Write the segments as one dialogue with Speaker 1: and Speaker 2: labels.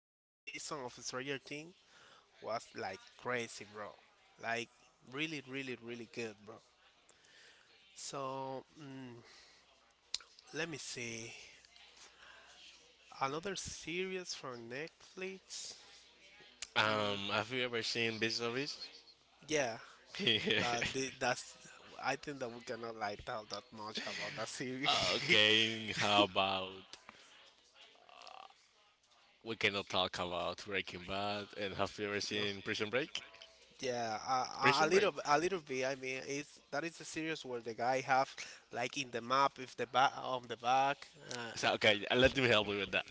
Speaker 1: fifth season of Stranger Things was like crazy, bro. Like really, really, really good, bro. So let me see another series from Netflix.
Speaker 2: Have you ever seen Beast Zombies?
Speaker 1: Yeah,
Speaker 2: Okay,
Speaker 1: that's. I think that we cannot like tell that much about that series.
Speaker 2: how about we cannot talk about Breaking Bad and have you ever seen Prison Break?
Speaker 1: Yeah, a
Speaker 2: Prison Break.
Speaker 1: little, a little bit. I mean, it's that is a series where the guy have like in the map, if the back on the back,
Speaker 2: So okay, let me help you with that.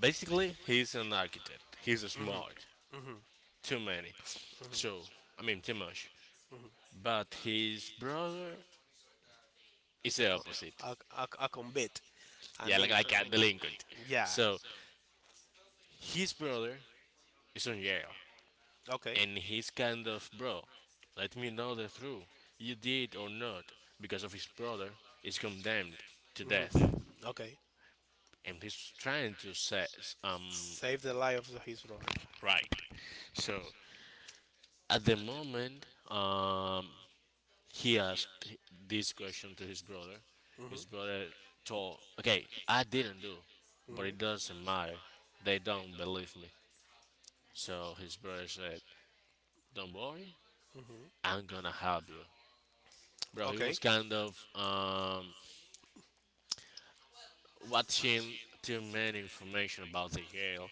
Speaker 2: Basically, he's an architect. He's smart. Too many. So I mean, too much. But his brother is
Speaker 1: is a
Speaker 2: the
Speaker 1: con,
Speaker 2: opposite.
Speaker 1: a convict. I
Speaker 2: Yeah, like
Speaker 1: mean,
Speaker 2: like a
Speaker 1: um,
Speaker 2: delinquent.
Speaker 1: yeah.
Speaker 2: So his brother is in jail
Speaker 1: Okay,
Speaker 2: and he's kind of bro. Let me know the truth. You did or not, because of his brother is condemned to death,
Speaker 1: okay.
Speaker 2: and he's trying to set um
Speaker 1: Save the life of his brother.
Speaker 2: right. So at the moment, he asked this question to his brother. His
Speaker 1: Mhm,
Speaker 2: brother told, "Okay, I didn't do, but it
Speaker 1: mhm.
Speaker 2: doesn't matter. They don't believe me." So his brother said, "Don't worry, I'm gonna help you." Bro, he was
Speaker 1: Okay.
Speaker 2: kind of watching too many information about the Yale,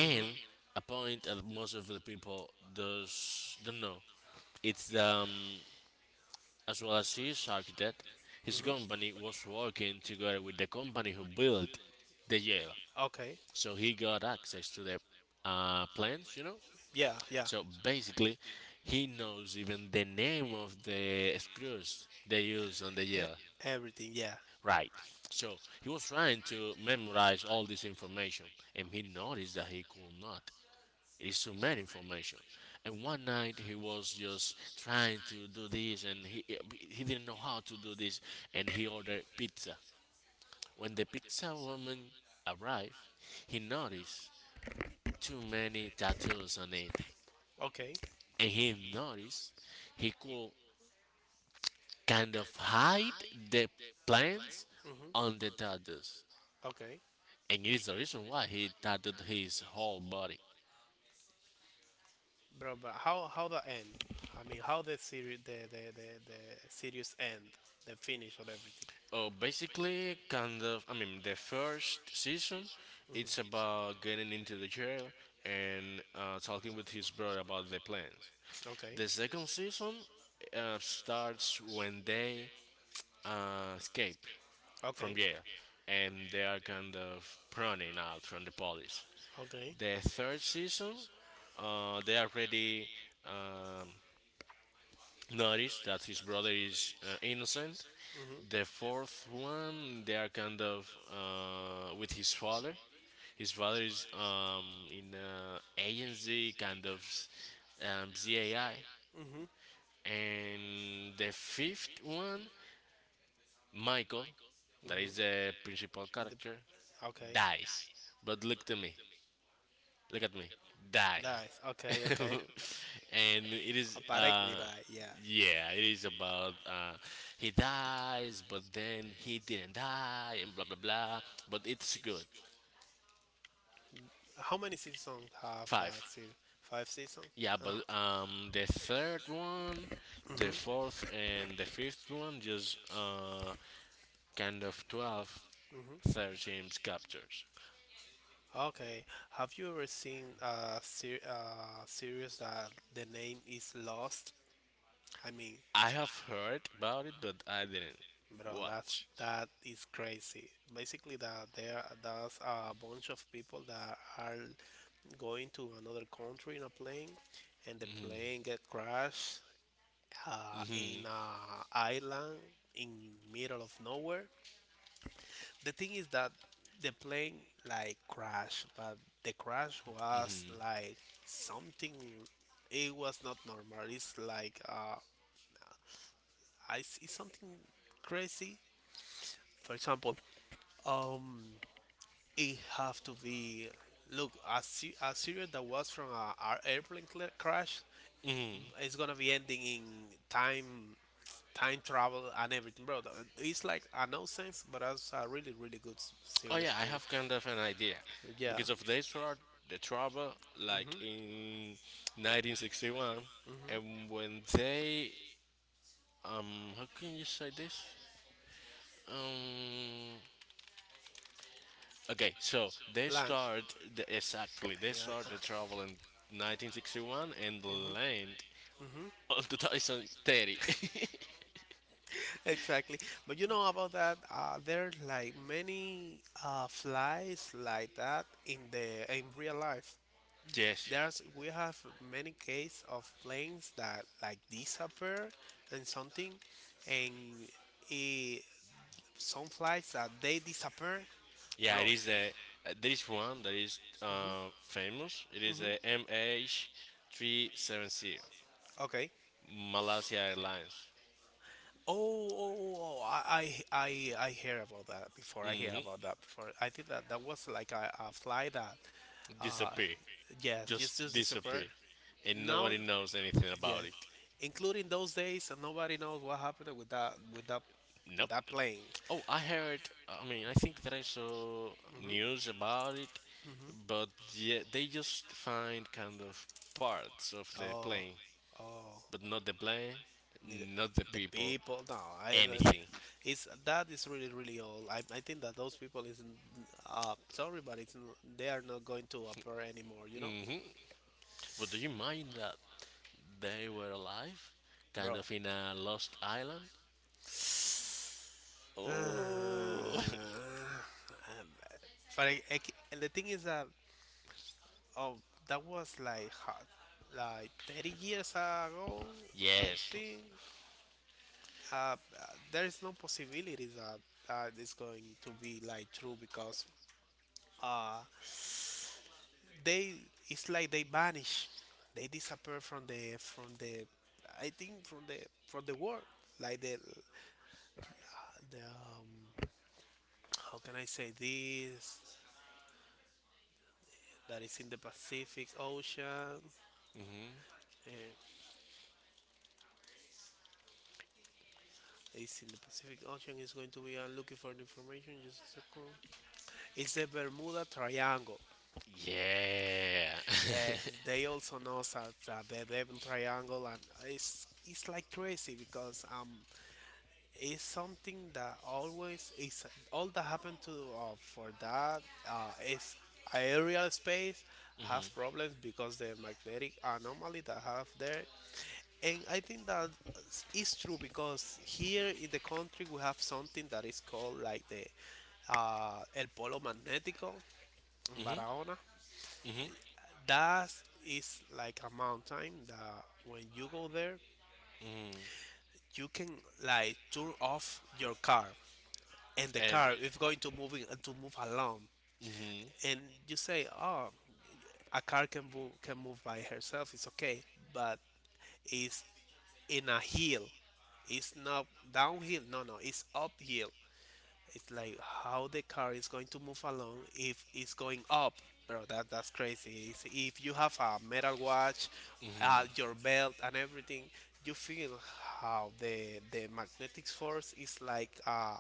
Speaker 1: Mhm,
Speaker 2: a point that most of the people does don't know. It's as well as his architect, his
Speaker 1: mhm.
Speaker 2: company was working together with the company who built the Yale,
Speaker 1: Okay.
Speaker 2: so he got access to the plans, you know.
Speaker 1: Yeah, yeah.
Speaker 2: So basically, he knows even the name of the screws they use on the Yale.
Speaker 1: Everything. Yeah.
Speaker 2: Right. So he was trying to memorize all this information and he noticed that he could not. It is too much information. And one night he was just trying to do this and he didn't know how to do this and he ordered pizza. When the pizza woman arrived, he noticed too many tattoos on it.
Speaker 1: Okay.
Speaker 2: And he noticed he could kind of hide the plans
Speaker 1: Mhm.
Speaker 2: on the tattoos.
Speaker 1: Okay,
Speaker 2: And it is the reason why he tattooed his whole body.
Speaker 1: bro, but how the end? I mean, how the series the series end, the finish of everything.
Speaker 2: Basically, kind of, I mean, the first season, it's about getting into the jail and talking with his brother about the plans.
Speaker 1: Okay,
Speaker 2: The second season starts when they escape from
Speaker 1: okay,
Speaker 2: jail and they are kind of running out from the police.
Speaker 1: okay.
Speaker 2: The third season, they already um, notice that his brother is innocent.
Speaker 1: Mhm,
Speaker 2: The fourth one, they are kind of with his father. His father is in agency, kind of CAI.
Speaker 1: mhm,
Speaker 2: And the fifth one, Michael, that is
Speaker 1: mhm.
Speaker 2: the principal character,
Speaker 1: Okay,
Speaker 2: dies. But look to me. Look at me, die.
Speaker 1: dies. Okay, okay.
Speaker 2: And it is,
Speaker 1: Apparently die. Yeah.
Speaker 2: yeah, it is about he dies, but then he didn't die, and blah blah blah. But it's good.
Speaker 1: How many seasons have that
Speaker 2: Five.
Speaker 1: series? Five seasons.
Speaker 2: Yeah,
Speaker 1: Uh huh.
Speaker 2: but the third one,
Speaker 1: Mhm,
Speaker 2: the fourth, and the fifth one just kind of twelve
Speaker 1: mhm.
Speaker 2: thirteen chapters.
Speaker 1: Okay. Have you ever seen a series that the name is Lost? I mean,
Speaker 2: I have heard about it, but I didn't
Speaker 1: Bro, that's
Speaker 2: watch.
Speaker 1: that is crazy. Basically, that's a bunch of people that are going to another country in a plane, and the plane
Speaker 2: Mm-hmm.
Speaker 1: get crashed
Speaker 2: Mm-hmm.
Speaker 1: in a island in middle of nowhere. The thing is that the plane like crashed, but the crash was
Speaker 2: Mm-hmm.
Speaker 1: like something. It was not normal. It's like I see something crazy. For example, um, it have to be look a series that was from our airplane crash
Speaker 2: Mm-hmm.
Speaker 1: it's gonna be ending in time time travel and everything, bro. It's like a nonsense, but it's a really really good
Speaker 2: Oh
Speaker 1: series
Speaker 2: yeah, I
Speaker 1: too.
Speaker 2: have kind of an idea.
Speaker 1: Yeah.
Speaker 2: Because of this road, the trouble, like
Speaker 1: Hmm.
Speaker 2: in 1961, and when they, how can you say this? Um, okay, so they
Speaker 1: Land.
Speaker 2: start the, exactly they
Speaker 1: Yeah.
Speaker 2: start the trouble in 1961 and
Speaker 1: Hmm.
Speaker 2: land on 2030.
Speaker 1: Exactly, but you know about that, there's like many flies like that in the in real life.
Speaker 2: Yes,
Speaker 1: There's We have many case of planes that like disappear and something, and eh, some flights that they disappear,
Speaker 2: yeah,
Speaker 1: bro.
Speaker 2: it is the there is one that is
Speaker 1: Hmm.
Speaker 2: famous. It is
Speaker 1: Hmm.
Speaker 2: a MH370.
Speaker 1: Okay.
Speaker 2: Malaysia Airlines.
Speaker 1: Oh, oh, oh, oh, I hear about that before, I hear
Speaker 2: Hmm.
Speaker 1: about that before. I think that that was like a flight that uh
Speaker 2: Disappear,
Speaker 1: yes
Speaker 2: just
Speaker 1: just disappear
Speaker 2: disappear, and
Speaker 1: now.
Speaker 2: nobody knows anything about
Speaker 1: Yes,
Speaker 2: it.
Speaker 1: including those days, and nobody knows what happened with that with that with
Speaker 2: Nope.
Speaker 1: that plane.
Speaker 2: Oh, I heard. I mean, I think that I saw
Speaker 1: Hmm.
Speaker 2: news about it,
Speaker 1: Hmm.
Speaker 2: but yeah, they just find kind of parts of the
Speaker 1: Oh.
Speaker 2: plane,
Speaker 1: Oh,
Speaker 2: but not the plane,
Speaker 1: neither-
Speaker 2: not the
Speaker 1: the
Speaker 2: people,
Speaker 1: people. No, I. that-
Speaker 2: anything.
Speaker 1: It's that is really really old. I think that those people is. Sorry, but it's they are not going to appear anymore. You know,
Speaker 2: Hmm. But do you mind that they were alive, kind
Speaker 1: bro.
Speaker 2: of in a lost island? Oh,
Speaker 1: Uh, um, but and the thing is that oh, that was like hot, like 30 years ago. I
Speaker 2: yes.
Speaker 1: think there is no possibility that it's going to be like true, because uh, they it's like they vanish, they disappear from the I think from the world, like the how can I say this that is in the Pacific Ocean.
Speaker 2: Mm-hmm.
Speaker 1: eh, it's in the Pacific Ocean. It's going to be I'm looking for the information, just a second. It's the Bermuda Triangle.
Speaker 2: Yeah.
Speaker 1: Yes, they also know that the devil triangle, and it's like crazy because is something that always is all that happened to for that is aerial space, have problems because the magnetic anomaly that have there. And I think that is true, because here in the country we have something that is called like the el polo magnetico in
Speaker 2: Mhm.
Speaker 1: Barahona.
Speaker 2: Mhm.
Speaker 1: That is like a mountain that when you go there
Speaker 2: Mhm.
Speaker 1: you can like turn off your car and the
Speaker 2: And
Speaker 1: car is going to moving to move along,
Speaker 2: mhm.
Speaker 1: and you say oh a car can move by herself, it's okay. But it's in a hill, it's not downhill, no no, it's uphill. It's like how the car is going to move along if it's going up, bro. That that's crazy. It's, if you have a metal watch,
Speaker 2: Mhm.
Speaker 1: your belt and everything, you feel how the magnetic force is like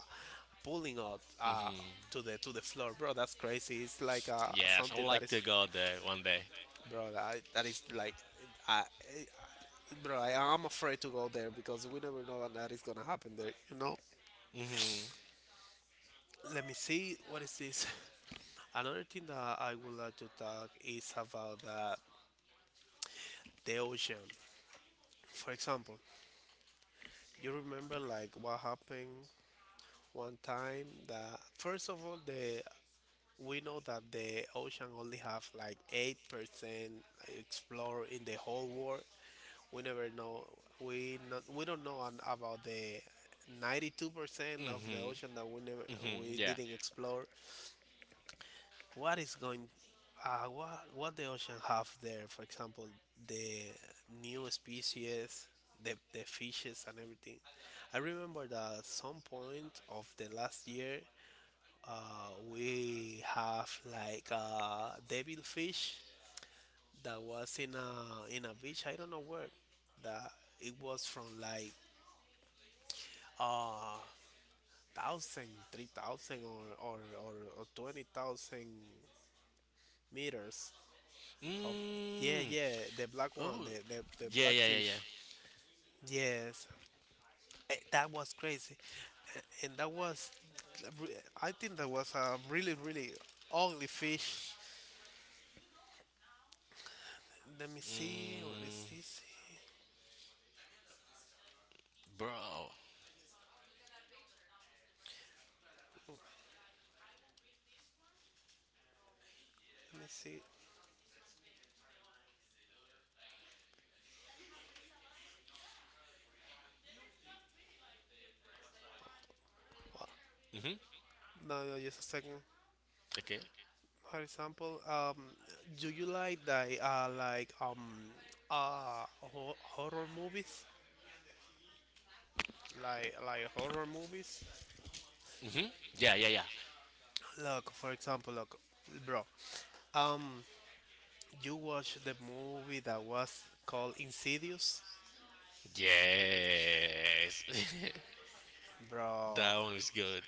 Speaker 1: pulling out to the floor, bro. That's crazy. It's like
Speaker 2: Yes, I would
Speaker 1: something that
Speaker 2: like
Speaker 1: is,
Speaker 2: to go there one day.
Speaker 1: bro. That, that is like, I, I- bro. I am afraid to go there because we never know that is gonna happen there. You know.
Speaker 2: Mhm.
Speaker 1: Let me see. What is this? Another thing that I would like to talk is about the ocean. For example, you remember like what happened one time that first of all the we know that the ocean only have like 8% explored in the whole world. We never know we don't know about the 92% of the
Speaker 2: Mhm.
Speaker 1: ocean that we never
Speaker 2: Mhm.
Speaker 1: we
Speaker 2: Yeah.
Speaker 1: didn't explore, what is going what the ocean have there. For example, the new species, the fishes and everything. I remember that some point of the last year we have like a devil fish that was in a beach, I don't know where, that it was from like uh thousand three thousand or 20,000 meters. Of yeah,
Speaker 2: Mm.
Speaker 1: yeah, the black one,
Speaker 2: Oh.
Speaker 1: the
Speaker 2: Yeah.
Speaker 1: black
Speaker 2: Yeah. Yeah. Yeah.
Speaker 1: fish. Yes, that was crazy, and that was, I think that was a really really ugly fish. Let me see, what
Speaker 2: Mm.
Speaker 1: is this?
Speaker 2: Bro.
Speaker 1: Let me see.
Speaker 2: Mhm.
Speaker 1: No, no, just a second.
Speaker 2: Okay.
Speaker 1: For example, do you like the horror movies? Like horror movies?
Speaker 2: Mhm. Yeah. Yeah. Yeah.
Speaker 1: Look, for example, look, bro. Um, You watched the movie that was called Insidious?
Speaker 2: Yes.
Speaker 1: Bro,
Speaker 2: That one is good.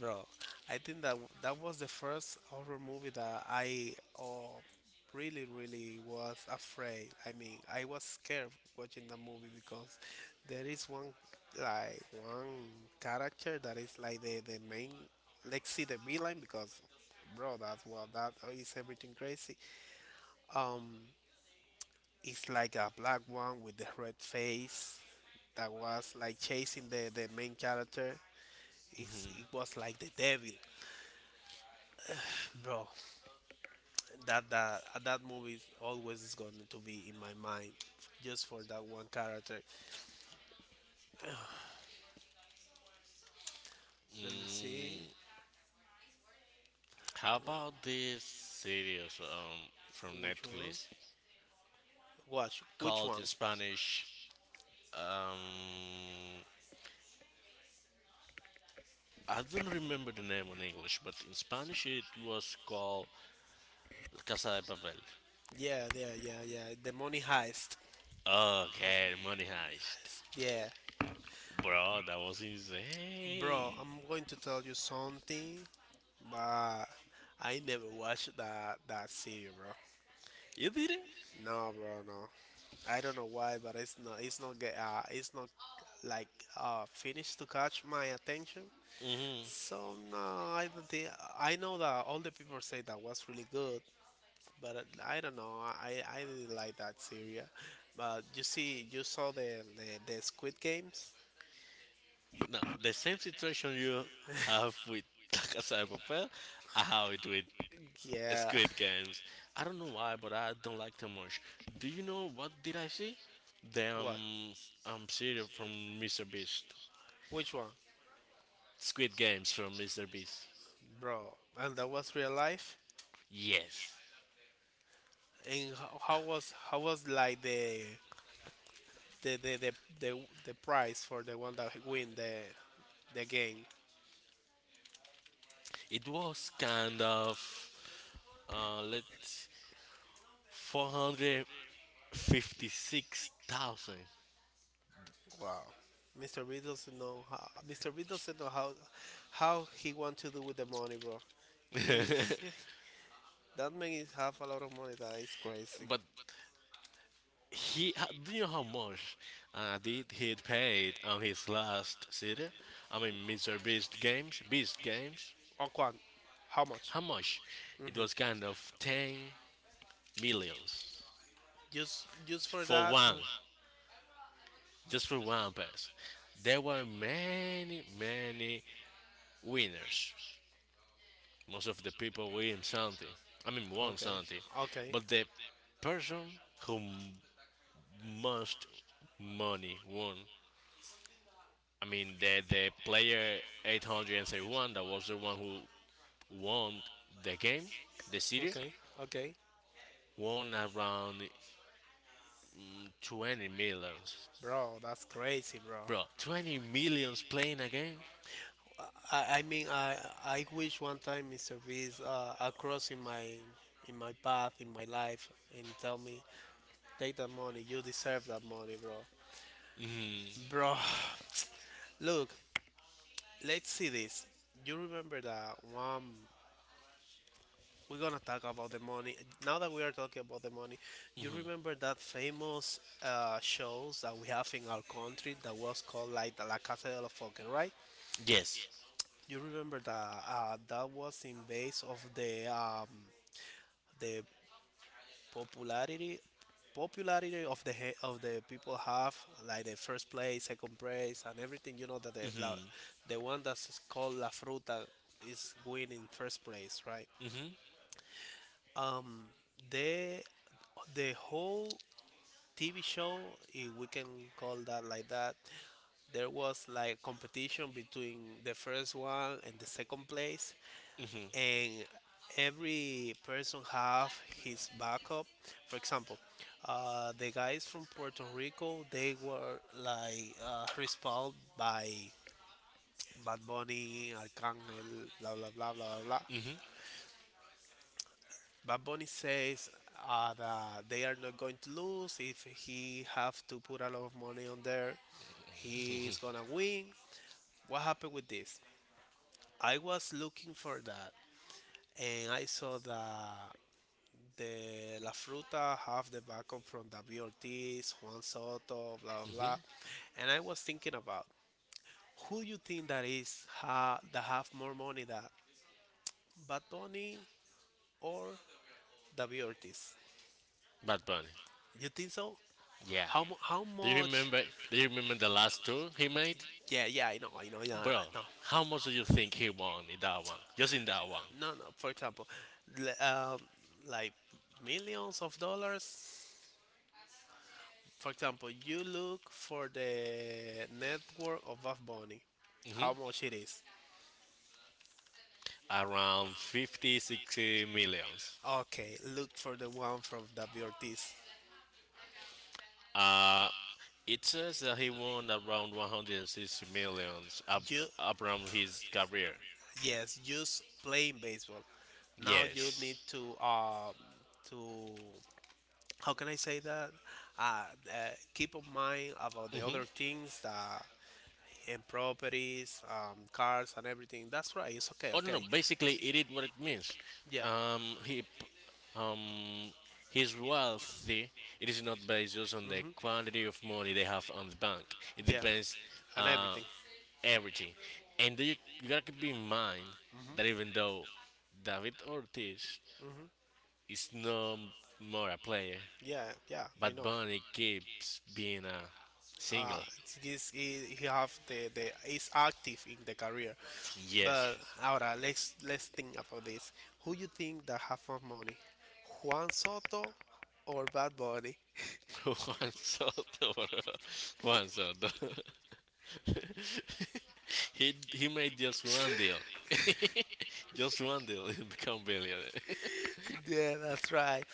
Speaker 1: bro. I think that that was the first horror movie that I really, really was afraid. I mean, I was scared watching the movie, because there is one like one character that is like the main, let's see the villain, because, bro, that's what that is everything crazy. Um, it's like a black one with the red face that was like chasing the main character. It's, it
Speaker 2: Mhm.
Speaker 1: was like the devil, bro. That movie always is going to be in my mind, just for that one character. Let me see,
Speaker 2: Mm. How about this series from
Speaker 1: Which one?
Speaker 2: Netflix?
Speaker 1: Watch which
Speaker 2: Called
Speaker 1: one?
Speaker 2: in Spanish. Um, I don't remember the name in English, but in Spanish it was called Casa de Papel.
Speaker 1: Yeah, yeah, yeah, yeah. The money heist.
Speaker 2: Okay, money heist,
Speaker 1: Yeah,
Speaker 2: bro. That was
Speaker 1: bro.
Speaker 2: insane.
Speaker 1: I'm going to tell you something, but I never watched that series, bro.
Speaker 2: You did it.
Speaker 1: No, bro, no. I don't know why, but it's not get it's not like finished to catch my attention.
Speaker 2: Mm-hmm.
Speaker 1: So no, I don't think I know that all the people say that was really good, but I don't know. I didn't like that series. But you see, you saw the the Squid Games.
Speaker 2: No, the same situation you have with Casa de Papel, I have it with
Speaker 1: Yeah.
Speaker 2: Squid Games. I don't know why, but I don't like them much. Do you know what did I see? The
Speaker 1: What?
Speaker 2: series from Mr. Beast.
Speaker 1: Which one,
Speaker 2: Squid Games from Mr. Beast.
Speaker 1: bro? And that was real life.
Speaker 2: Yes,
Speaker 1: And how was like the the the the prize for the one that win the game?
Speaker 2: it was kind of let's 456,000.
Speaker 1: Wow. Mr. Reed doesn't know how how he want to do with the money, bro. He is, that man is have a lot of money, that is crazy.
Speaker 2: But he, do you know how much did he paid on his last city? I mean, Mr. Beast games, Beast games.
Speaker 1: On quan, how much?
Speaker 2: How much? It was kind of 10 millions
Speaker 1: Just for
Speaker 2: for
Speaker 1: that?
Speaker 2: one, just for one pass. There were many, many winners. Most of the people win something. I mean, won
Speaker 1: Okay,
Speaker 2: something.
Speaker 1: okay,
Speaker 2: But the person who most money won, I mean, the player 831, that was the one who won the game, the city,
Speaker 1: okay, okay,
Speaker 2: won around 20 millions.
Speaker 1: bro. That's crazy, bro.
Speaker 2: Bro, 20 millions playing a game?
Speaker 1: I, I mean I I wish one time Mr. Reed across in my path in my life and tell me take that money, you deserve that money, bro. Bro. Look, let's see this. You remember that one? We're gonna talk about the money. Now that we are talking about the money, you remember that famous shows that we have in our country that was called like the La Casa de los Foques, right?
Speaker 2: Yes,
Speaker 1: You remember that that was in base of the popularity popularity of the of the people have, like the first place, second place, and everything. You know that the la, the one that's called La Fruta is winning first place, right? Um, the whole TV show, if we can call that like that, there was like competition between the first one and the second place, and every person have his backup. For example, the guys from Puerto Rico, they were like respalded by Bad Bunny, Arcangel, blah blah blah blah blah blah. Bad Bunny says that they are not going to lose, if he have to put a lot of money on there, he's gonna win. What happened with this? I was looking for that and I saw that the La Fruta have the backup from David Ortiz, Juan Soto, blah blah blah. And I was thinking about who you think that that have more money that Bad Bunny or David Ortiz?
Speaker 2: Bad Bunny.
Speaker 1: You think so?
Speaker 2: Yeah.
Speaker 1: How
Speaker 2: Do you
Speaker 1: much?
Speaker 2: remember? Do you remember the last tour he made,
Speaker 1: Yeah, yeah, I know, yeah,
Speaker 2: bro?
Speaker 1: no,
Speaker 2: How much do you think he won in that one? Just in that one.
Speaker 1: no, no. For example, l- um, like millions of dollars. For example, you look for the network of Bad Bunny,
Speaker 2: Mhm.
Speaker 1: how much it is.
Speaker 2: Around 50, 60 millions.
Speaker 1: Okay, look for the one from W. Ortiz.
Speaker 2: 60 millions it says that he won around 160 millions
Speaker 1: You,
Speaker 2: around his career.
Speaker 1: yes, just playing baseball. Now you need
Speaker 2: Yes.
Speaker 1: to how can I say that? Keep in mind about the
Speaker 2: Hmm.
Speaker 1: other things that and properties, cars and everything. That's right. It's okay.
Speaker 2: Oh, no, no,
Speaker 1: Okay.
Speaker 2: basically it is what it means.
Speaker 1: Yeah.
Speaker 2: He um his wealthy, it is not based just on the
Speaker 1: Mm-hmm.
Speaker 2: quantity of money they have on the bank. It
Speaker 1: Yeah,
Speaker 2: depends
Speaker 1: and
Speaker 2: uh
Speaker 1: everything.
Speaker 2: everything. And do you, you gotta keep in mind that even though David Ortiz
Speaker 1: Mm-hmm.
Speaker 2: is no more a player,
Speaker 1: Yeah, yeah, I
Speaker 2: but
Speaker 1: know.
Speaker 2: Bunny keeps being a
Speaker 1: Uh,
Speaker 2: single.
Speaker 1: he's, he have the is active in the career.
Speaker 2: Yes.
Speaker 1: But ahora, let's think about this. Who you think that have more money, Juan Soto or Bad Bunny?
Speaker 2: One Soto, bro. Juan Soto. He made just one deal. Just one deal and become billionaire.
Speaker 1: Yeah, that's right.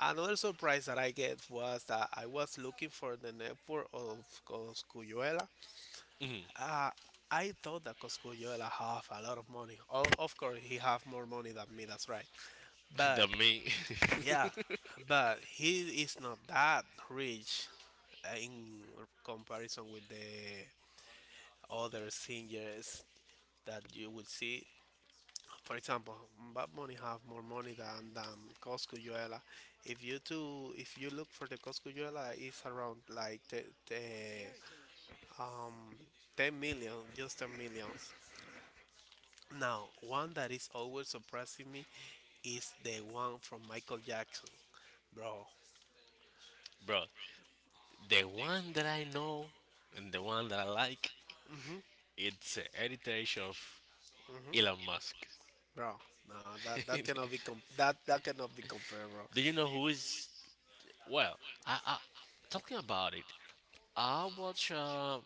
Speaker 1: Another surprise that I get was that I was looking for the network of Coscuyuela.
Speaker 2: Mm.
Speaker 1: Uh, I thought that Coscuyuela have a lot of money. Oh, of course, he have more money than me. That's right. But
Speaker 2: The me.
Speaker 1: yeah, but he is not that rich in comparison with the other singers that you would see. For example, Bad Money have more money than Coscuyuela. If you look for the Coscuyuela, it's around like the um 10 million, just 10 millions. Now, one that is always surprising me is the one from Michael Jackson, bro.
Speaker 2: Bro. The one that I know and the one that I like,
Speaker 1: Hmm.
Speaker 2: it's a heritage of
Speaker 1: Hmm.
Speaker 2: Elon Musk.
Speaker 1: Bro, no, that that cannot be com- that that cannot be compared, bro.
Speaker 2: Do you know who is. Well, I talking about it, I watch a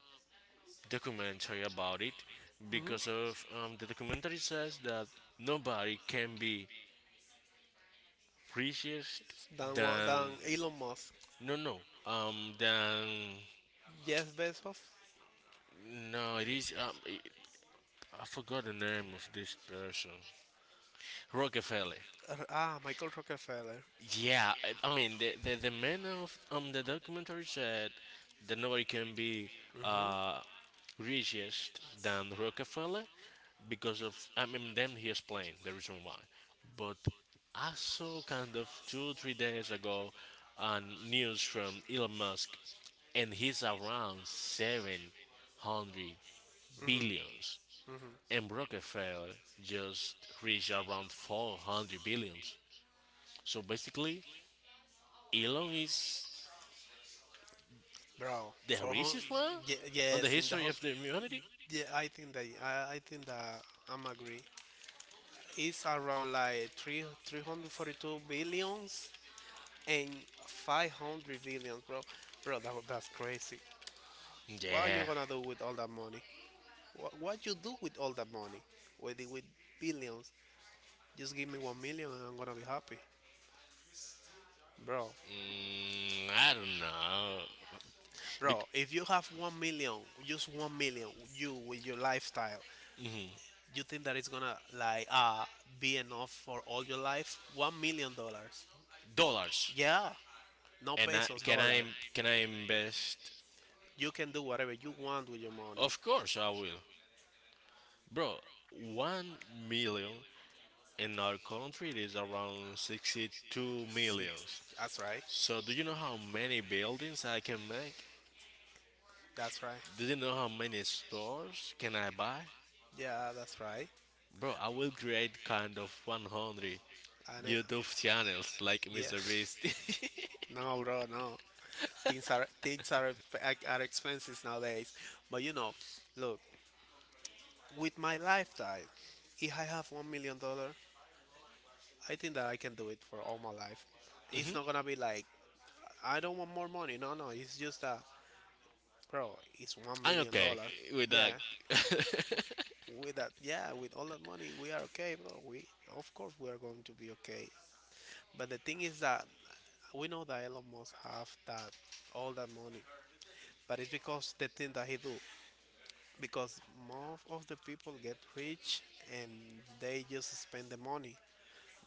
Speaker 2: documentary about it
Speaker 1: Hmm.
Speaker 2: because of the documentary says that nobody can be richest
Speaker 1: Than wa-
Speaker 2: than
Speaker 1: than Elon Musk,
Speaker 2: no, no than
Speaker 1: Jeff Bezos,
Speaker 2: no it is I forgot the name of this person. Rockefeller.
Speaker 1: Michael Rockefeller.
Speaker 2: Yeah, I mean the man of the documentary said that nobody can be uh richest than Rockefeller because of I mean then he explained the reason why. But I saw kind of 2 3 days ago on news from Elon Musk and he's around 700
Speaker 1: Hmm.
Speaker 2: billions and Rockefeller just reached around 400 billions. So basically Elon is
Speaker 1: Bro,
Speaker 2: the
Speaker 1: for whom?
Speaker 2: richest one
Speaker 1: Ye-
Speaker 2: on the
Speaker 1: yes, in the
Speaker 2: history
Speaker 1: whole.
Speaker 2: of the humanity?
Speaker 1: Yeah, I think that I'm agree. It's around like three three hundred forty two billions and 500 billions, bro. Bro, that's crazy. What are you
Speaker 2: Yeah.
Speaker 1: gonna do with all that money? What you do with all that money? With billions, just give me 1 million and I'm gonna be happy, bro.
Speaker 2: Mm, I don't know. Bec-
Speaker 1: Bro, if you have 1 million, just 1 million, you with your lifestyle,
Speaker 2: mhm.
Speaker 1: you think that it's gonna like be enough for all your life? $1 million.
Speaker 2: Dollars.
Speaker 1: Yeah, no
Speaker 2: And I,
Speaker 1: pesos,
Speaker 2: can I
Speaker 1: dollar.
Speaker 2: can I invest?
Speaker 1: You can do whatever you want with your money.
Speaker 2: Of course I will, bro. 1 million in our country it is around 62
Speaker 1: Six.
Speaker 2: millions.
Speaker 1: That's right.
Speaker 2: So do you know how many buildings I can make?
Speaker 1: That's right.
Speaker 2: Do you know how many stores can I buy?
Speaker 1: Yeah, that's right.
Speaker 2: Bro, I will create kind of 100
Speaker 1: And it,
Speaker 2: YouTube channels like
Speaker 1: yeah,
Speaker 2: Mr. Beast.
Speaker 1: no, bro, no. Things are expensive nowadays. But you know, look, with my lifestyle, if I have $1 million, I think that I can do it for all my life. It's not gonna be like I don't want more money. No, no. It's just that. Bro, it's one
Speaker 2: I'm
Speaker 1: million
Speaker 2: okay
Speaker 1: dollars.
Speaker 2: with that.
Speaker 1: Yeah, with that, yeah, with all that money, we are okay, bro. Of course, we are going to be okay. But the thing is that we know that Elon Musk have that all that money, but it's because the thing that he do. Because most of the people get rich and they just spend the money.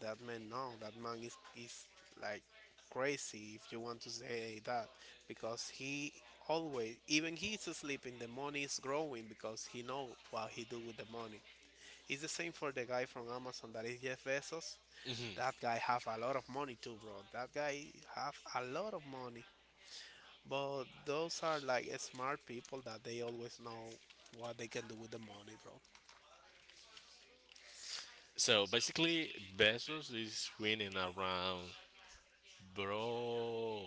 Speaker 1: That man, no, that man is like crazy if you want to say that, because he always, even he's sleeping, the money is growing because he know what he do with the money. It's the same for the guy from Amazon that is Jeff Bezos. That guy have a lot of money too, bro. That guy have a lot of money, but those are like smart people that they always know what they can do with the money, bro.
Speaker 2: So basically, Bezos is winning around, bro,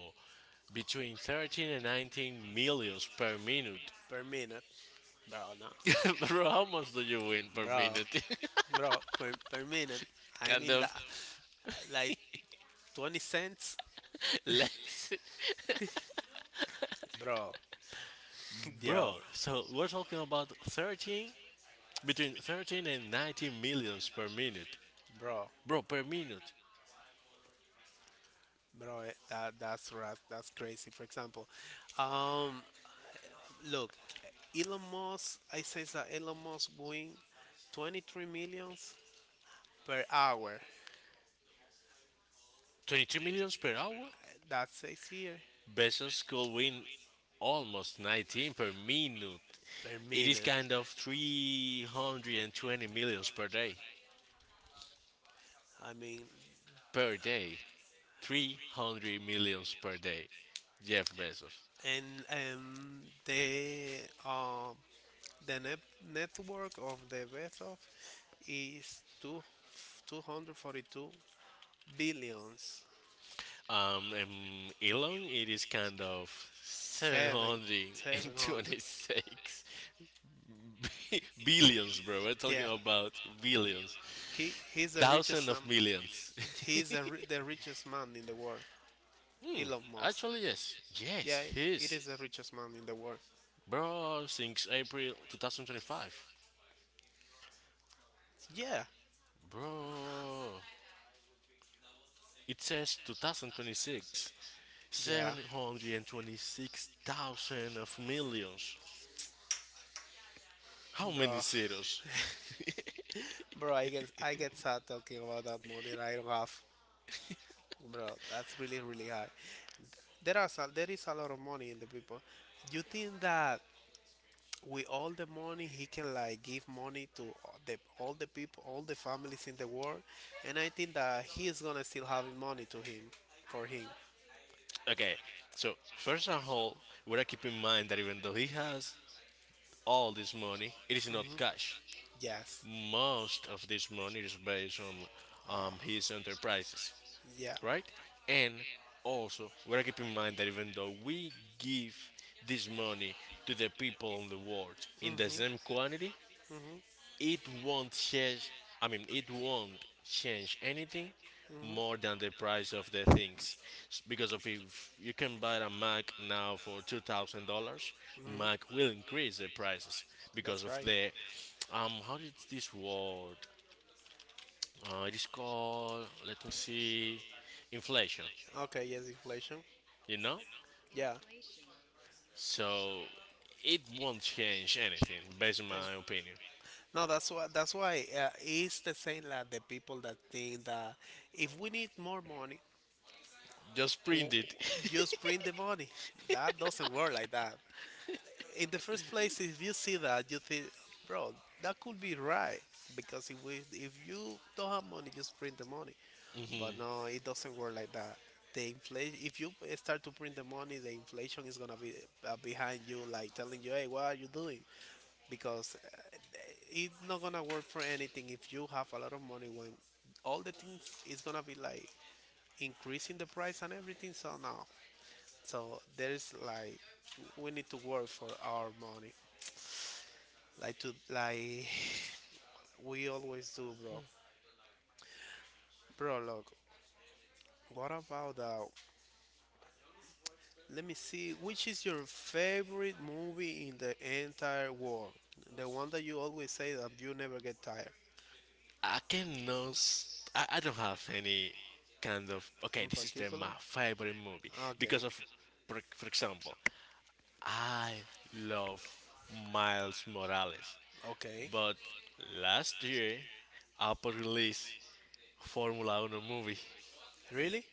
Speaker 2: between 13 and 19 millions per minute.
Speaker 1: Per minute, bro, no,
Speaker 2: Bro, how much do you win per
Speaker 1: bro,
Speaker 2: minute?
Speaker 1: bro, per minute. I
Speaker 2: Kind
Speaker 1: mean that.
Speaker 2: of
Speaker 1: Like 20 cents,
Speaker 2: less.
Speaker 1: bro. Yo,
Speaker 2: Bro, so we're talking about 13, between 13 and 19 millions per minute.
Speaker 1: bro
Speaker 2: Bro, per minute.
Speaker 1: that's right, that's crazy. For example, um look, Elon Musk, I say that Elon Musk win 23 millions per hour.
Speaker 2: 22 millions per hour?
Speaker 1: Eh, that says here.
Speaker 2: Bezos could win almost 19 per minute.
Speaker 1: Per
Speaker 2: It is
Speaker 1: minute.
Speaker 2: kind of 320 millions per day.
Speaker 1: I mean,
Speaker 2: Per day. 300 millions per day. Jeff Bezos.
Speaker 1: and um the net network of the Bezos is two two hundred forty two billions.
Speaker 2: Elon, it is kind of
Speaker 1: Seven, 700.
Speaker 2: 726 billions, bro. We're
Speaker 1: Yeah,
Speaker 2: talking about billions.
Speaker 1: he's the
Speaker 2: Thousands
Speaker 1: richest
Speaker 2: of millions.
Speaker 1: the richest man in the world.
Speaker 2: Hmm.
Speaker 1: Elon Musk.
Speaker 2: Actually, yes.
Speaker 1: Yeah,
Speaker 2: Yes, he
Speaker 1: it
Speaker 2: is.
Speaker 1: is the richest man in the world.
Speaker 2: Bro, since April 2025.
Speaker 1: Yeah,
Speaker 2: Bro, it says 2026.
Speaker 1: yeah,
Speaker 2: 726,000 of millions. How
Speaker 1: bro,
Speaker 2: many zeros?
Speaker 1: bro. I get sad talking about that money that I don't have. Bro, that's really really high. There is a lot of money in the people. You think that with all the money he can like give money to all the people, all the families in the world, and I think that he is gonna still having money to him for him.
Speaker 2: Okay, so first of all, we gotta keep in mind that even though he has all this money, it is not cash.
Speaker 1: Yes.
Speaker 2: Most of this money is based on his enterprises.
Speaker 1: Yeah.
Speaker 2: Right? And also, we gotta keep in mind that even though we give this money to the people on the world in the
Speaker 1: Mm-hmm.
Speaker 2: same quantity,
Speaker 1: Mm-hmm.
Speaker 2: it won't change. I mean, it won't change anything
Speaker 1: Mm-hmm,
Speaker 2: more than the price of the things. Because of if you can buy a Mac now for $2,000,
Speaker 1: mm-hmm.
Speaker 2: Mac will increase the prices because
Speaker 1: That's
Speaker 2: of
Speaker 1: right.
Speaker 2: the How did this word? It is called. Let me see. Inflation.
Speaker 1: Okay, yes, inflation,
Speaker 2: You know.
Speaker 1: yeah.
Speaker 2: So it won't change anything, based on
Speaker 1: Oh.
Speaker 2: my opinion.
Speaker 1: No, that's why it's the same that the people that think that if we need more money.
Speaker 2: Just
Speaker 1: w-
Speaker 2: print it.
Speaker 1: you sprint the money. That doesn't work like that. In the first place, if you see that, you think, bro, that could be right. Because if you don't have money, just print the money. But no, it doesn't work like that. The inflation. If you start to print the money, the inflation is gonna be behind you, like telling you, hey, what are you doing? Because it's not gonna work for anything if you have a lot of money when all the things is gonna be like increasing the price and everything. So no, so there is like we need to work for our money. Like to like we always do, bro. Bro, look. What about? Let me see. Which is your favorite movie in the entire world? The one that you always say that you never get tired.
Speaker 2: I cannot. I don't have any kind of okay.
Speaker 1: In
Speaker 2: This is the, my
Speaker 1: particular.
Speaker 2: favorite movie
Speaker 1: Okay.
Speaker 2: because of, for example, I love Miles Morales,
Speaker 1: Okay.
Speaker 2: but last year Apple released Formula One movie.
Speaker 1: Really?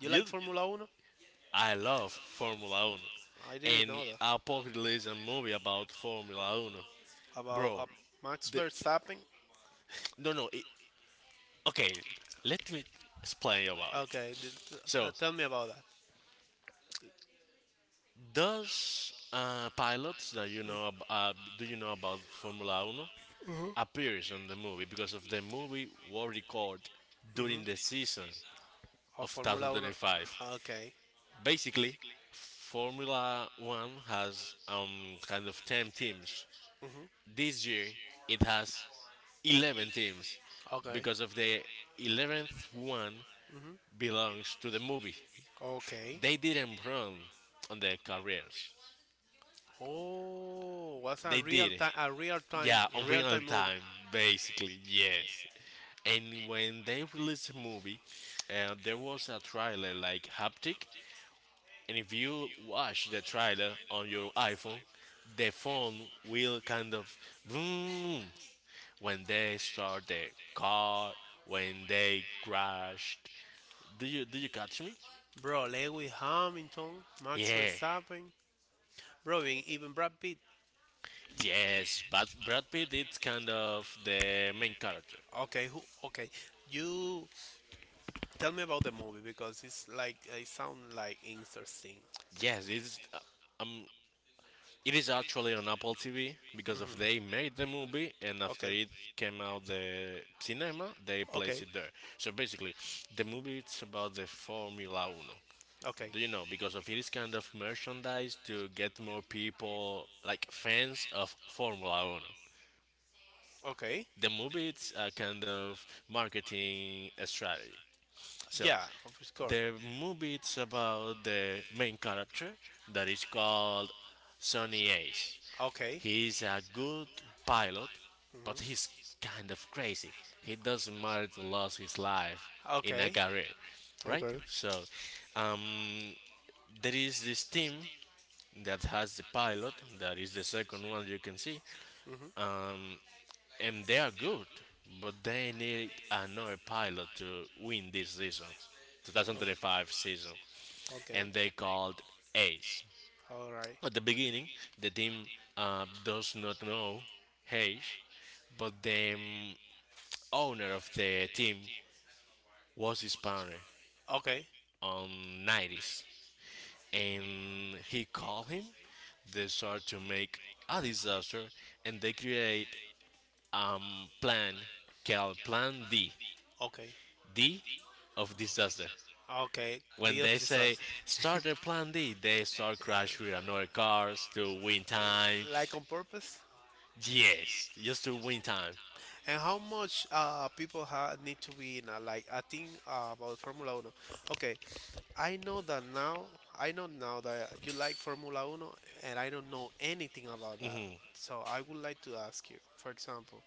Speaker 1: You
Speaker 2: You,
Speaker 1: like Formula One?
Speaker 2: I love Formula One,
Speaker 1: I didn't
Speaker 2: and
Speaker 1: know that.
Speaker 2: Apple released a movie about Formula One,
Speaker 1: About
Speaker 2: bro.
Speaker 1: Max
Speaker 2: The.
Speaker 1: Verstappen?
Speaker 2: No, no. It, okay, let me explain about it.
Speaker 1: Okay. th- th- uh,
Speaker 2: So,
Speaker 1: tell me about
Speaker 2: those pilots that you know, do you know about Formula Uno,
Speaker 1: that.
Speaker 2: appears on the movie because of the movie war record
Speaker 1: Mhm.
Speaker 2: during the season
Speaker 1: Of
Speaker 2: of
Speaker 1: Formula 1.
Speaker 2: 2025.
Speaker 1: Okay.
Speaker 2: Basically, Formula One has kind of 10 teams.
Speaker 1: Mhm.
Speaker 2: This year, it has 11 teams
Speaker 1: Okay.
Speaker 2: because of the 11th one
Speaker 1: Mhm.
Speaker 2: belongs to the movie.
Speaker 1: Okay.
Speaker 2: They didn't run on their careers.
Speaker 1: Oh, what's a
Speaker 2: They
Speaker 1: real
Speaker 2: did.
Speaker 1: time a real time
Speaker 2: Yeah, on
Speaker 1: real
Speaker 2: real
Speaker 1: time move,
Speaker 2: time, basically, yes. And when they released the movie, there was a trailer like haptic. And if you watch the trailer on your iPhone, the phone will kind of boom when they start the car, when they crashed. Do you catch me?
Speaker 1: bro? Lewis Hamilton, Max
Speaker 2: Yeah,
Speaker 1: Verstappen, bro, and even Brad Pitt.
Speaker 2: Yes. But Brad Pitt is kind of the main character.
Speaker 1: Okay, who? Okay, you tell me about the movie because it's like it sound like interesting.
Speaker 2: Yes, it's um, it is actually on Apple TV because of they made the movie, and after
Speaker 1: Okay,
Speaker 2: it came out the cinema, they placed
Speaker 1: okay,
Speaker 2: it there. So basically, the movie it's about the Formula Uno.
Speaker 1: okay,
Speaker 2: Do you know? Because of it is kind of merchandise to get more people like fans of Formula Uno.
Speaker 1: okay.
Speaker 2: The movie it's a kind of marketing strategy. So
Speaker 1: Yeah, of course.
Speaker 2: the movie is about the main character that is called Sonny Ace.
Speaker 1: Okay,
Speaker 2: He is a good pilot, but he's kind of crazy. He doesn't matter to lose his life in a
Speaker 1: okay,
Speaker 2: career, right?
Speaker 1: okay.
Speaker 2: So, um, there is this team that has the pilot, that is the second one you can see,
Speaker 1: Mhm.
Speaker 2: um, and they are good, but they need another pilot to win this season, 2035 season,
Speaker 1: Okay.
Speaker 2: and they called Ace.
Speaker 1: All right.
Speaker 2: At the beginning, the team does not know Hayes, but the owner of the team was Hispanic
Speaker 1: Okay.
Speaker 2: on 90s, and he called him. They start to make a disaster, and they create plan called Plan D.
Speaker 1: Okay.
Speaker 2: D of disaster.
Speaker 1: Okay. The
Speaker 2: When
Speaker 1: of
Speaker 2: they
Speaker 1: the
Speaker 2: say
Speaker 1: sauce.
Speaker 2: start a plan D, they start crash with another cars to win
Speaker 1: I mean,
Speaker 2: time.
Speaker 1: like on purpose.
Speaker 2: Yes, just to win time.
Speaker 1: And how much people ha need to be in like I think about Formula Uno. Okay, I know that now. I know now that you like Formula Uno, and I don't know anything about that.
Speaker 2: Mhm.
Speaker 1: So I would like to ask you, for example,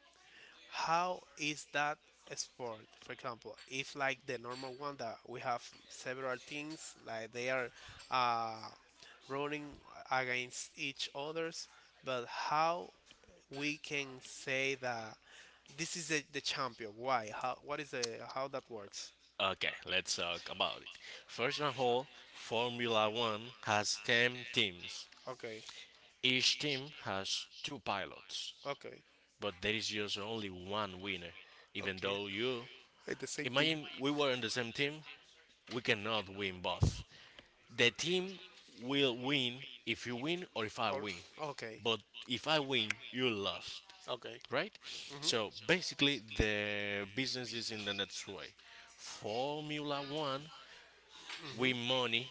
Speaker 1: how is that a sport? For example, if like the normal one that we have several teams, like they are uh, running against each others, but how we can say that this is the champion? Why? How? What is the how that works?
Speaker 2: Okay, let's talk about it. First of all, Formula One has 10 teams.
Speaker 1: Okay,
Speaker 2: Each team has two pilots,
Speaker 1: okay,
Speaker 2: but there is just only one winner. Even
Speaker 1: okay.
Speaker 2: though you
Speaker 1: At the same team.
Speaker 2: imagine we were on the same team, we cannot win both. The team will win if you win or if I
Speaker 1: Or
Speaker 2: win.
Speaker 1: okay,
Speaker 2: But if I win, you lost,
Speaker 1: okay.
Speaker 2: right?
Speaker 1: Mhm,
Speaker 2: So basically, the business is in the next way. Formula One win
Speaker 1: mhm.
Speaker 2: money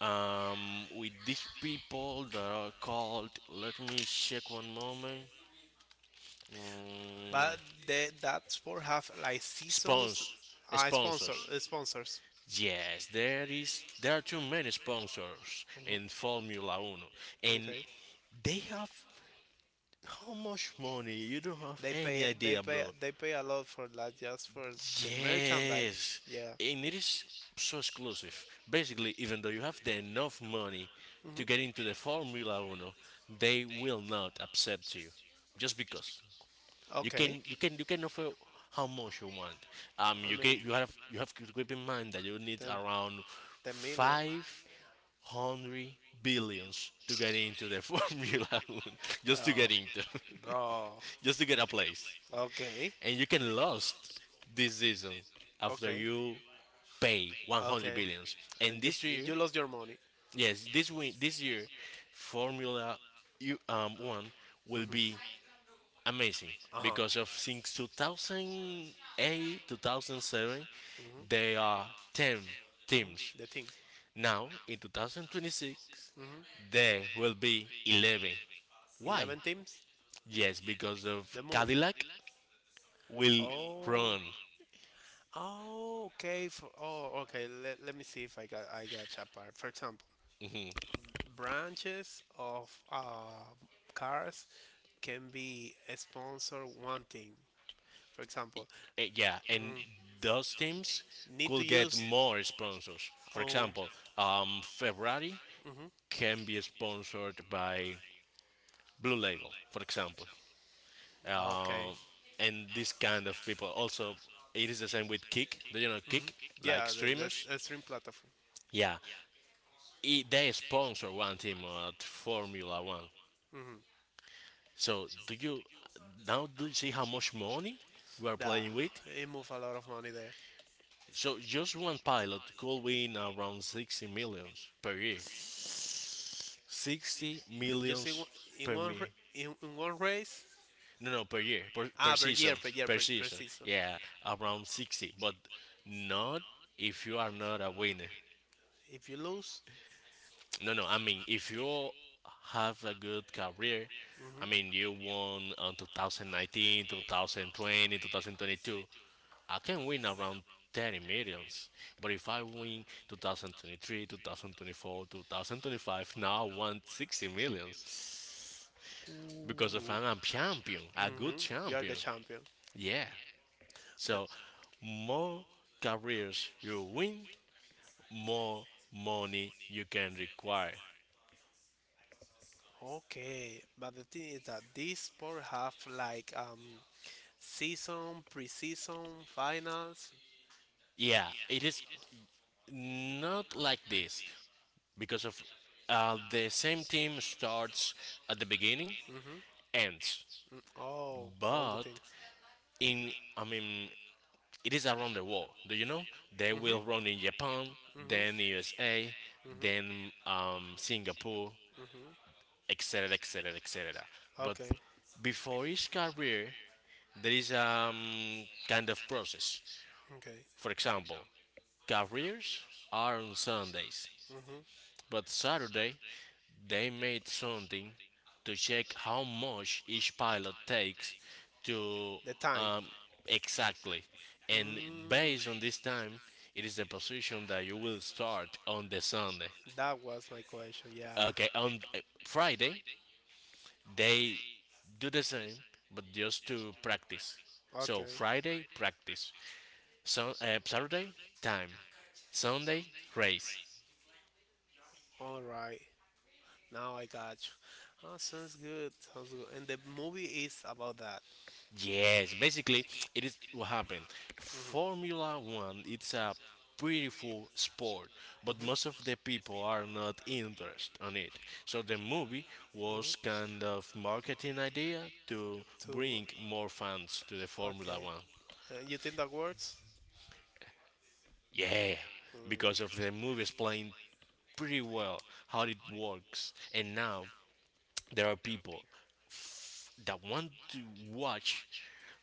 Speaker 2: with these people that are called. Let me check one moment. Mm,
Speaker 1: But that sport have like seasons,
Speaker 2: spons- sponsors.
Speaker 1: sponsors.
Speaker 2: Yes, there is. There are too many sponsors in Formula One, and
Speaker 1: Okay.
Speaker 2: they have how much money? You don't have
Speaker 1: They
Speaker 2: any
Speaker 1: pay they
Speaker 2: idea,
Speaker 1: pay
Speaker 2: bro.
Speaker 1: they pay a lot for that just for the merchandise.
Speaker 2: Yes,
Speaker 1: Yeah.
Speaker 2: and it is so exclusive. Basically, even though you have the enough money
Speaker 1: Hmm.
Speaker 2: to get into the Formula Uno, they will not accept you just because you
Speaker 1: Okay.
Speaker 2: can you can you can offer how much you want.
Speaker 1: I
Speaker 2: You
Speaker 1: mean,
Speaker 2: can you have you have to keep in mind that you need
Speaker 1: ten
Speaker 2: around
Speaker 1: ten million.
Speaker 2: 500 billions to get into the Formula Uno, just to
Speaker 1: Oh,
Speaker 2: get into,
Speaker 1: bro.
Speaker 2: just to get a place,
Speaker 1: Okay.
Speaker 2: and you can lost this season after
Speaker 1: Okay.
Speaker 2: you pay 100
Speaker 1: Okay.
Speaker 2: billions. And
Speaker 1: And you
Speaker 2: this year,
Speaker 1: you lost your money.
Speaker 2: yes, this year, Formula One will be amazing
Speaker 1: Uh huh.
Speaker 2: because of since 2008, 2007, there are 10 teams.
Speaker 1: The team.
Speaker 2: Now in 2026,
Speaker 1: Hmm.
Speaker 2: there will be 11. Why?
Speaker 1: 11 teams.
Speaker 2: Yes, because of
Speaker 1: The moon.
Speaker 2: Cadillac will
Speaker 1: Oh.
Speaker 2: run.
Speaker 1: Oh. Okay. For, oh. Okay. Let me see if I got that part. For example, branches of cars can be a sponsor one thing. For example,
Speaker 2: Yeah, and
Speaker 1: mm,
Speaker 2: those teams
Speaker 1: need to
Speaker 2: could get
Speaker 1: use.
Speaker 2: more sponsors. For
Speaker 1: Oh.
Speaker 2: example, Ferrari
Speaker 1: um,
Speaker 2: can be sponsored by Blue Label, for example.
Speaker 1: Mhm. Okay. And
Speaker 2: Um and this kind of people. Also, it is the same with Kick. Do you know Kick? Like
Speaker 1: yeah, the, the s-
Speaker 2: streamers?
Speaker 1: uh, stream platform.
Speaker 2: Yeah, I they sponsor one team at Formula One.
Speaker 1: Hmm.
Speaker 2: So do you see how much money we are
Speaker 1: Yeah,
Speaker 2: playing with?
Speaker 1: it move a lot of money there.
Speaker 2: So just one pilot could win around 60 millions per year. 60
Speaker 1: You see,
Speaker 2: millions
Speaker 1: one- in
Speaker 2: per
Speaker 1: one
Speaker 2: me,
Speaker 1: ra- in one race,
Speaker 2: no no, per year, per, per season, per
Speaker 1: per
Speaker 2: season,
Speaker 1: season.
Speaker 2: yeah, around 60, but not if you are not a winner.
Speaker 1: If you lose,
Speaker 2: No no, I mean if you have a good career, I mean you won on 2019 2020 2022, I can win around 30 millions, but if I win 2023 2024 2025, now I want 60 millions, because if
Speaker 1: ooh.
Speaker 2: I'm a champion, a good
Speaker 1: Hmm. You are the
Speaker 2: champion,
Speaker 1: champion.
Speaker 2: yeah.
Speaker 1: But
Speaker 2: So more careers you win, more money you can require.
Speaker 1: okay, but the thing is that these sport have like season, pre-season, finals.
Speaker 2: Yeah, it is not like this because of the same team starts at the beginning,
Speaker 1: Mhm.
Speaker 2: ends,
Speaker 1: Mm. Oh, all the
Speaker 2: but
Speaker 1: things.
Speaker 2: in I mean it is around the world. Do you know? They
Speaker 1: Mhm.
Speaker 2: will run in Japan,
Speaker 1: Mhm.
Speaker 2: then USA,
Speaker 1: Mhm.
Speaker 2: then Singapore,
Speaker 1: Mhm.
Speaker 2: etc., etc., etc. But
Speaker 1: Okay.
Speaker 2: before each career, there is kind of process.
Speaker 1: Okay.
Speaker 2: For example, careers are on Sundays,
Speaker 1: Mhm.
Speaker 2: but Saturday they made something to check how much each pilot takes to
Speaker 1: The time.
Speaker 2: um, exactly. And
Speaker 1: Mm,
Speaker 2: based on this time, it is the position that you will start on the Sunday.
Speaker 1: that was my question. Yeah.
Speaker 2: Okay, on Friday they do the same, but just to practice. So
Speaker 1: Okay.
Speaker 2: Friday practice, so, Saturday time, Sunday race.
Speaker 1: All right. Now I got you. Oh, sounds good. Sounds good. And the movie is about that.
Speaker 2: Yes, basically it is what happened.
Speaker 1: Mhm.
Speaker 2: Formula One, it's a beautiful sport, but most of the people are not interested on it. So the movie
Speaker 1: Mhm.
Speaker 2: was
Speaker 1: Mhm.
Speaker 2: kind of marketing idea to
Speaker 1: to
Speaker 2: bring more fans to the Formula
Speaker 1: okay.
Speaker 2: One.
Speaker 1: You think that works?
Speaker 2: Yeah, because of the movies playing pretty well how it works. And now there are people that want to watch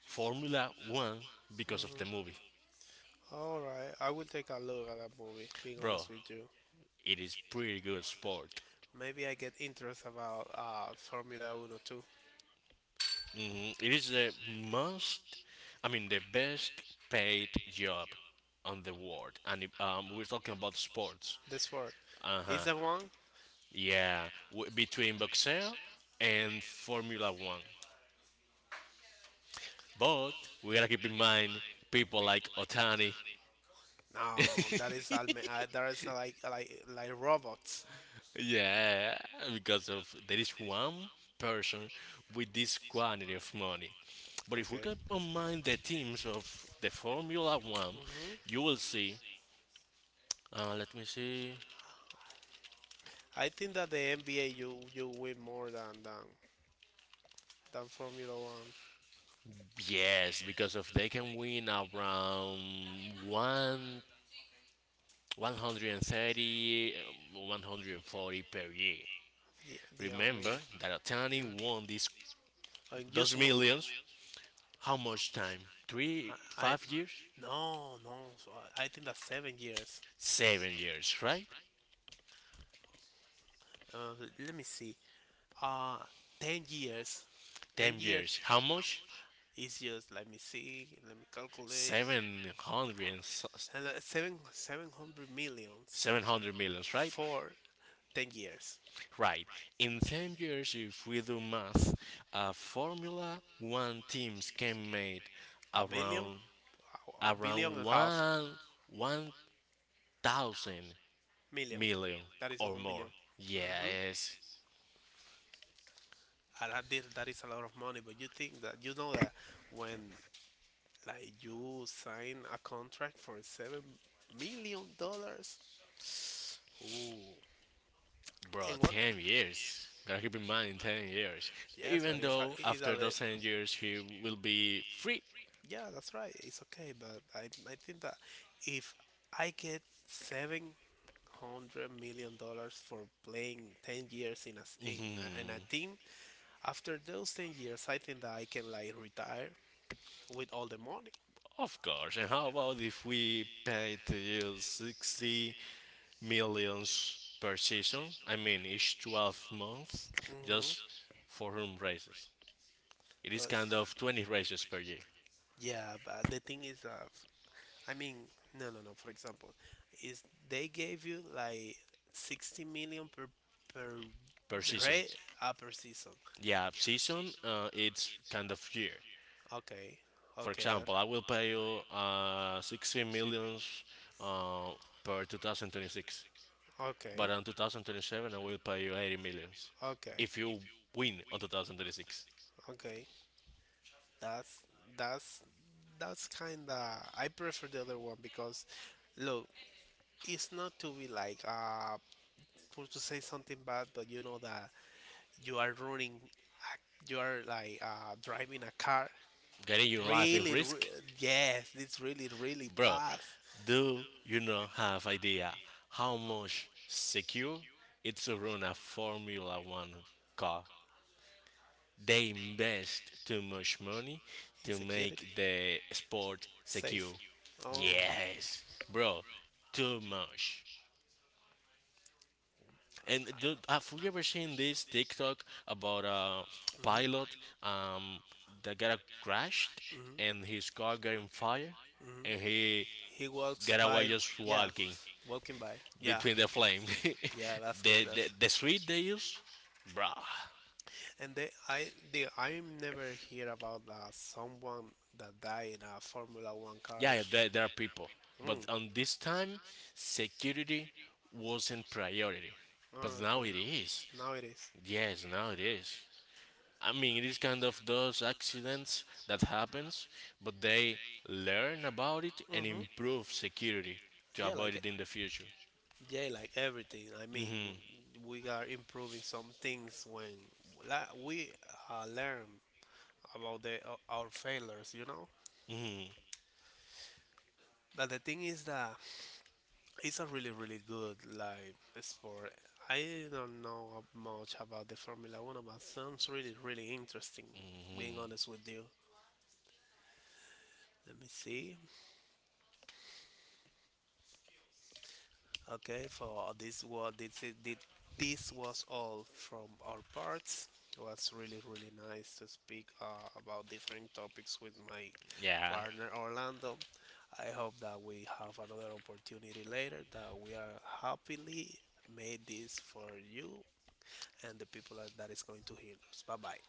Speaker 2: Formula One because of
Speaker 1: Mhm.
Speaker 2: the movie.
Speaker 1: All right. I will take a look at that movie. Being
Speaker 2: Bro,
Speaker 1: honest with you,
Speaker 2: it is pretty good sport.
Speaker 1: maybe I get interest about Formula Uno too.
Speaker 2: Mhm, it is the most, I mean, the best paid job on the world. And if, we're talking about sports.
Speaker 1: This sport. Is that one?
Speaker 2: Yeah, between boxeo and Formula One. But we gotta keep in mind people like Otani.
Speaker 1: Oh, that is like robots.
Speaker 2: Yeah, because of there is one person with this quantity of money. But if we
Speaker 1: Okay.
Speaker 2: combine the teams of the Formula One,
Speaker 1: Hmm.
Speaker 2: you will see. Let me see.
Speaker 1: I think that the NBA you win more than Formula One.
Speaker 2: Yes, because of they can win around one 130, 140 per year.
Speaker 1: Yeah, yeah, I mean,
Speaker 2: Remember that
Speaker 1: mm.
Speaker 2: Atani won this
Speaker 1: and
Speaker 2: those
Speaker 1: just one.
Speaker 2: millions. How much time? Three,
Speaker 1: I
Speaker 2: 5 years,
Speaker 1: No, no. So I think that 7 years.
Speaker 2: 7 years, right?
Speaker 1: Uh, Let me see. Uh, 10 years. Ten
Speaker 2: 10
Speaker 1: years.
Speaker 2: years. How much?
Speaker 1: It's just let me see. Let me calculate.
Speaker 2: 700,
Speaker 1: And seven seven hundred millions
Speaker 2: 700 millions, right?
Speaker 1: for 10 years.
Speaker 2: Right. In 10 years, if we do math, a Formula One teams can make
Speaker 1: A billion,
Speaker 2: around
Speaker 1: a billion
Speaker 2: around
Speaker 1: and a half
Speaker 2: one 1,000
Speaker 1: million.
Speaker 2: million
Speaker 1: That is
Speaker 2: or
Speaker 1: one
Speaker 2: more.
Speaker 1: billion. Mm-hmm.
Speaker 2: Yes,
Speaker 1: And that is a lot of money. But you think that you know that when like you sign a contract for $7 million. Ooh,
Speaker 2: bro,
Speaker 1: and what?
Speaker 2: 10 years. Gotta keep in mind, 10 years.
Speaker 1: Yes,
Speaker 2: Even
Speaker 1: but
Speaker 2: though after those 10 years, he will be free.
Speaker 1: yeah, that's right. It's okay, but I think that if I get $700 million for playing 10 years in a s- in a
Speaker 2: Mhm.
Speaker 1: team, after those 10 years, I think that I can like retire with all the money.
Speaker 2: Of course. And how about if we pay to you 60 millions per season? I mean, each 12 months,
Speaker 1: Hmm.
Speaker 2: just for room races. It is
Speaker 1: But
Speaker 2: kind of 20 races per year,
Speaker 1: yeah, but the thing is that I mean, no, no, no. For example, is they gave you like 60 million per
Speaker 2: per season.
Speaker 1: rate per season.
Speaker 2: Yeah, season, it's kind of year.
Speaker 1: Okay,
Speaker 2: For
Speaker 1: okay,
Speaker 2: example, I will pay you 60 millions uh, per 2026. But
Speaker 1: okay,
Speaker 2: on 2027, I will pay you 80 millions
Speaker 1: okay.
Speaker 2: if you win on 2026.
Speaker 1: Okay, that's that's that's kind of I prefer the other one because look, it's not to be like for to say something bad, but you know that you are like driving a car
Speaker 2: Getting your life in
Speaker 1: really, re
Speaker 2: risk.
Speaker 1: yes, it's really really
Speaker 2: Bro,
Speaker 1: fast.
Speaker 2: do you not have idea how much secure it's to run a Formula One car? They invest too much money to make
Speaker 1: Insecurity,
Speaker 2: the sport
Speaker 1: safe.
Speaker 2: secure.
Speaker 1: Oh.
Speaker 2: Yes, bro, too much. And do, have you ever seen this TikTok about a pilot um, that got crashed
Speaker 1: Hmm.
Speaker 2: and his car got in fire
Speaker 1: Hmm.
Speaker 2: and he
Speaker 1: He walks
Speaker 2: got away
Speaker 1: by.
Speaker 2: just
Speaker 1: Yeah,
Speaker 2: walking?
Speaker 1: walking by. Yeah,
Speaker 2: Between the flame.
Speaker 1: yeah, that's good.
Speaker 2: the, the
Speaker 1: That's
Speaker 2: the sweet they use, bruh.
Speaker 1: and they I never hear about someone that died in a Formula One
Speaker 2: Yeah,
Speaker 1: car.
Speaker 2: there, there are people, but
Speaker 1: Mm,
Speaker 2: on this time, security wasn't priority,
Speaker 1: oh,
Speaker 2: but now
Speaker 1: okay,
Speaker 2: it is.
Speaker 1: now it is.
Speaker 2: Yes, now it is. I mean, it is kind of those accidents that happens, but they learn about it and
Speaker 1: Mm-hmm.
Speaker 2: improve security to
Speaker 1: Yeah,
Speaker 2: avoid
Speaker 1: like it.
Speaker 2: it in the future.
Speaker 1: Yeah, like everything. I mean,
Speaker 2: Mhm,
Speaker 1: we are improving some things when we learn about our failures, you know?
Speaker 2: mhm,
Speaker 1: But the thing is that it's a really, really good like sport. I don't know much about the Formula One, but sounds really, really interesting. Being
Speaker 2: mhm.
Speaker 1: honest with you, let me see. Okay, for this was this is thi- this was all from our parts. It was really, really nice to speak about different topics with my
Speaker 2: Yeah.
Speaker 1: partner Orlando. I hope that we have another opportunity later. That we are happily made this for you and the people that is going to hear us. Bye bye.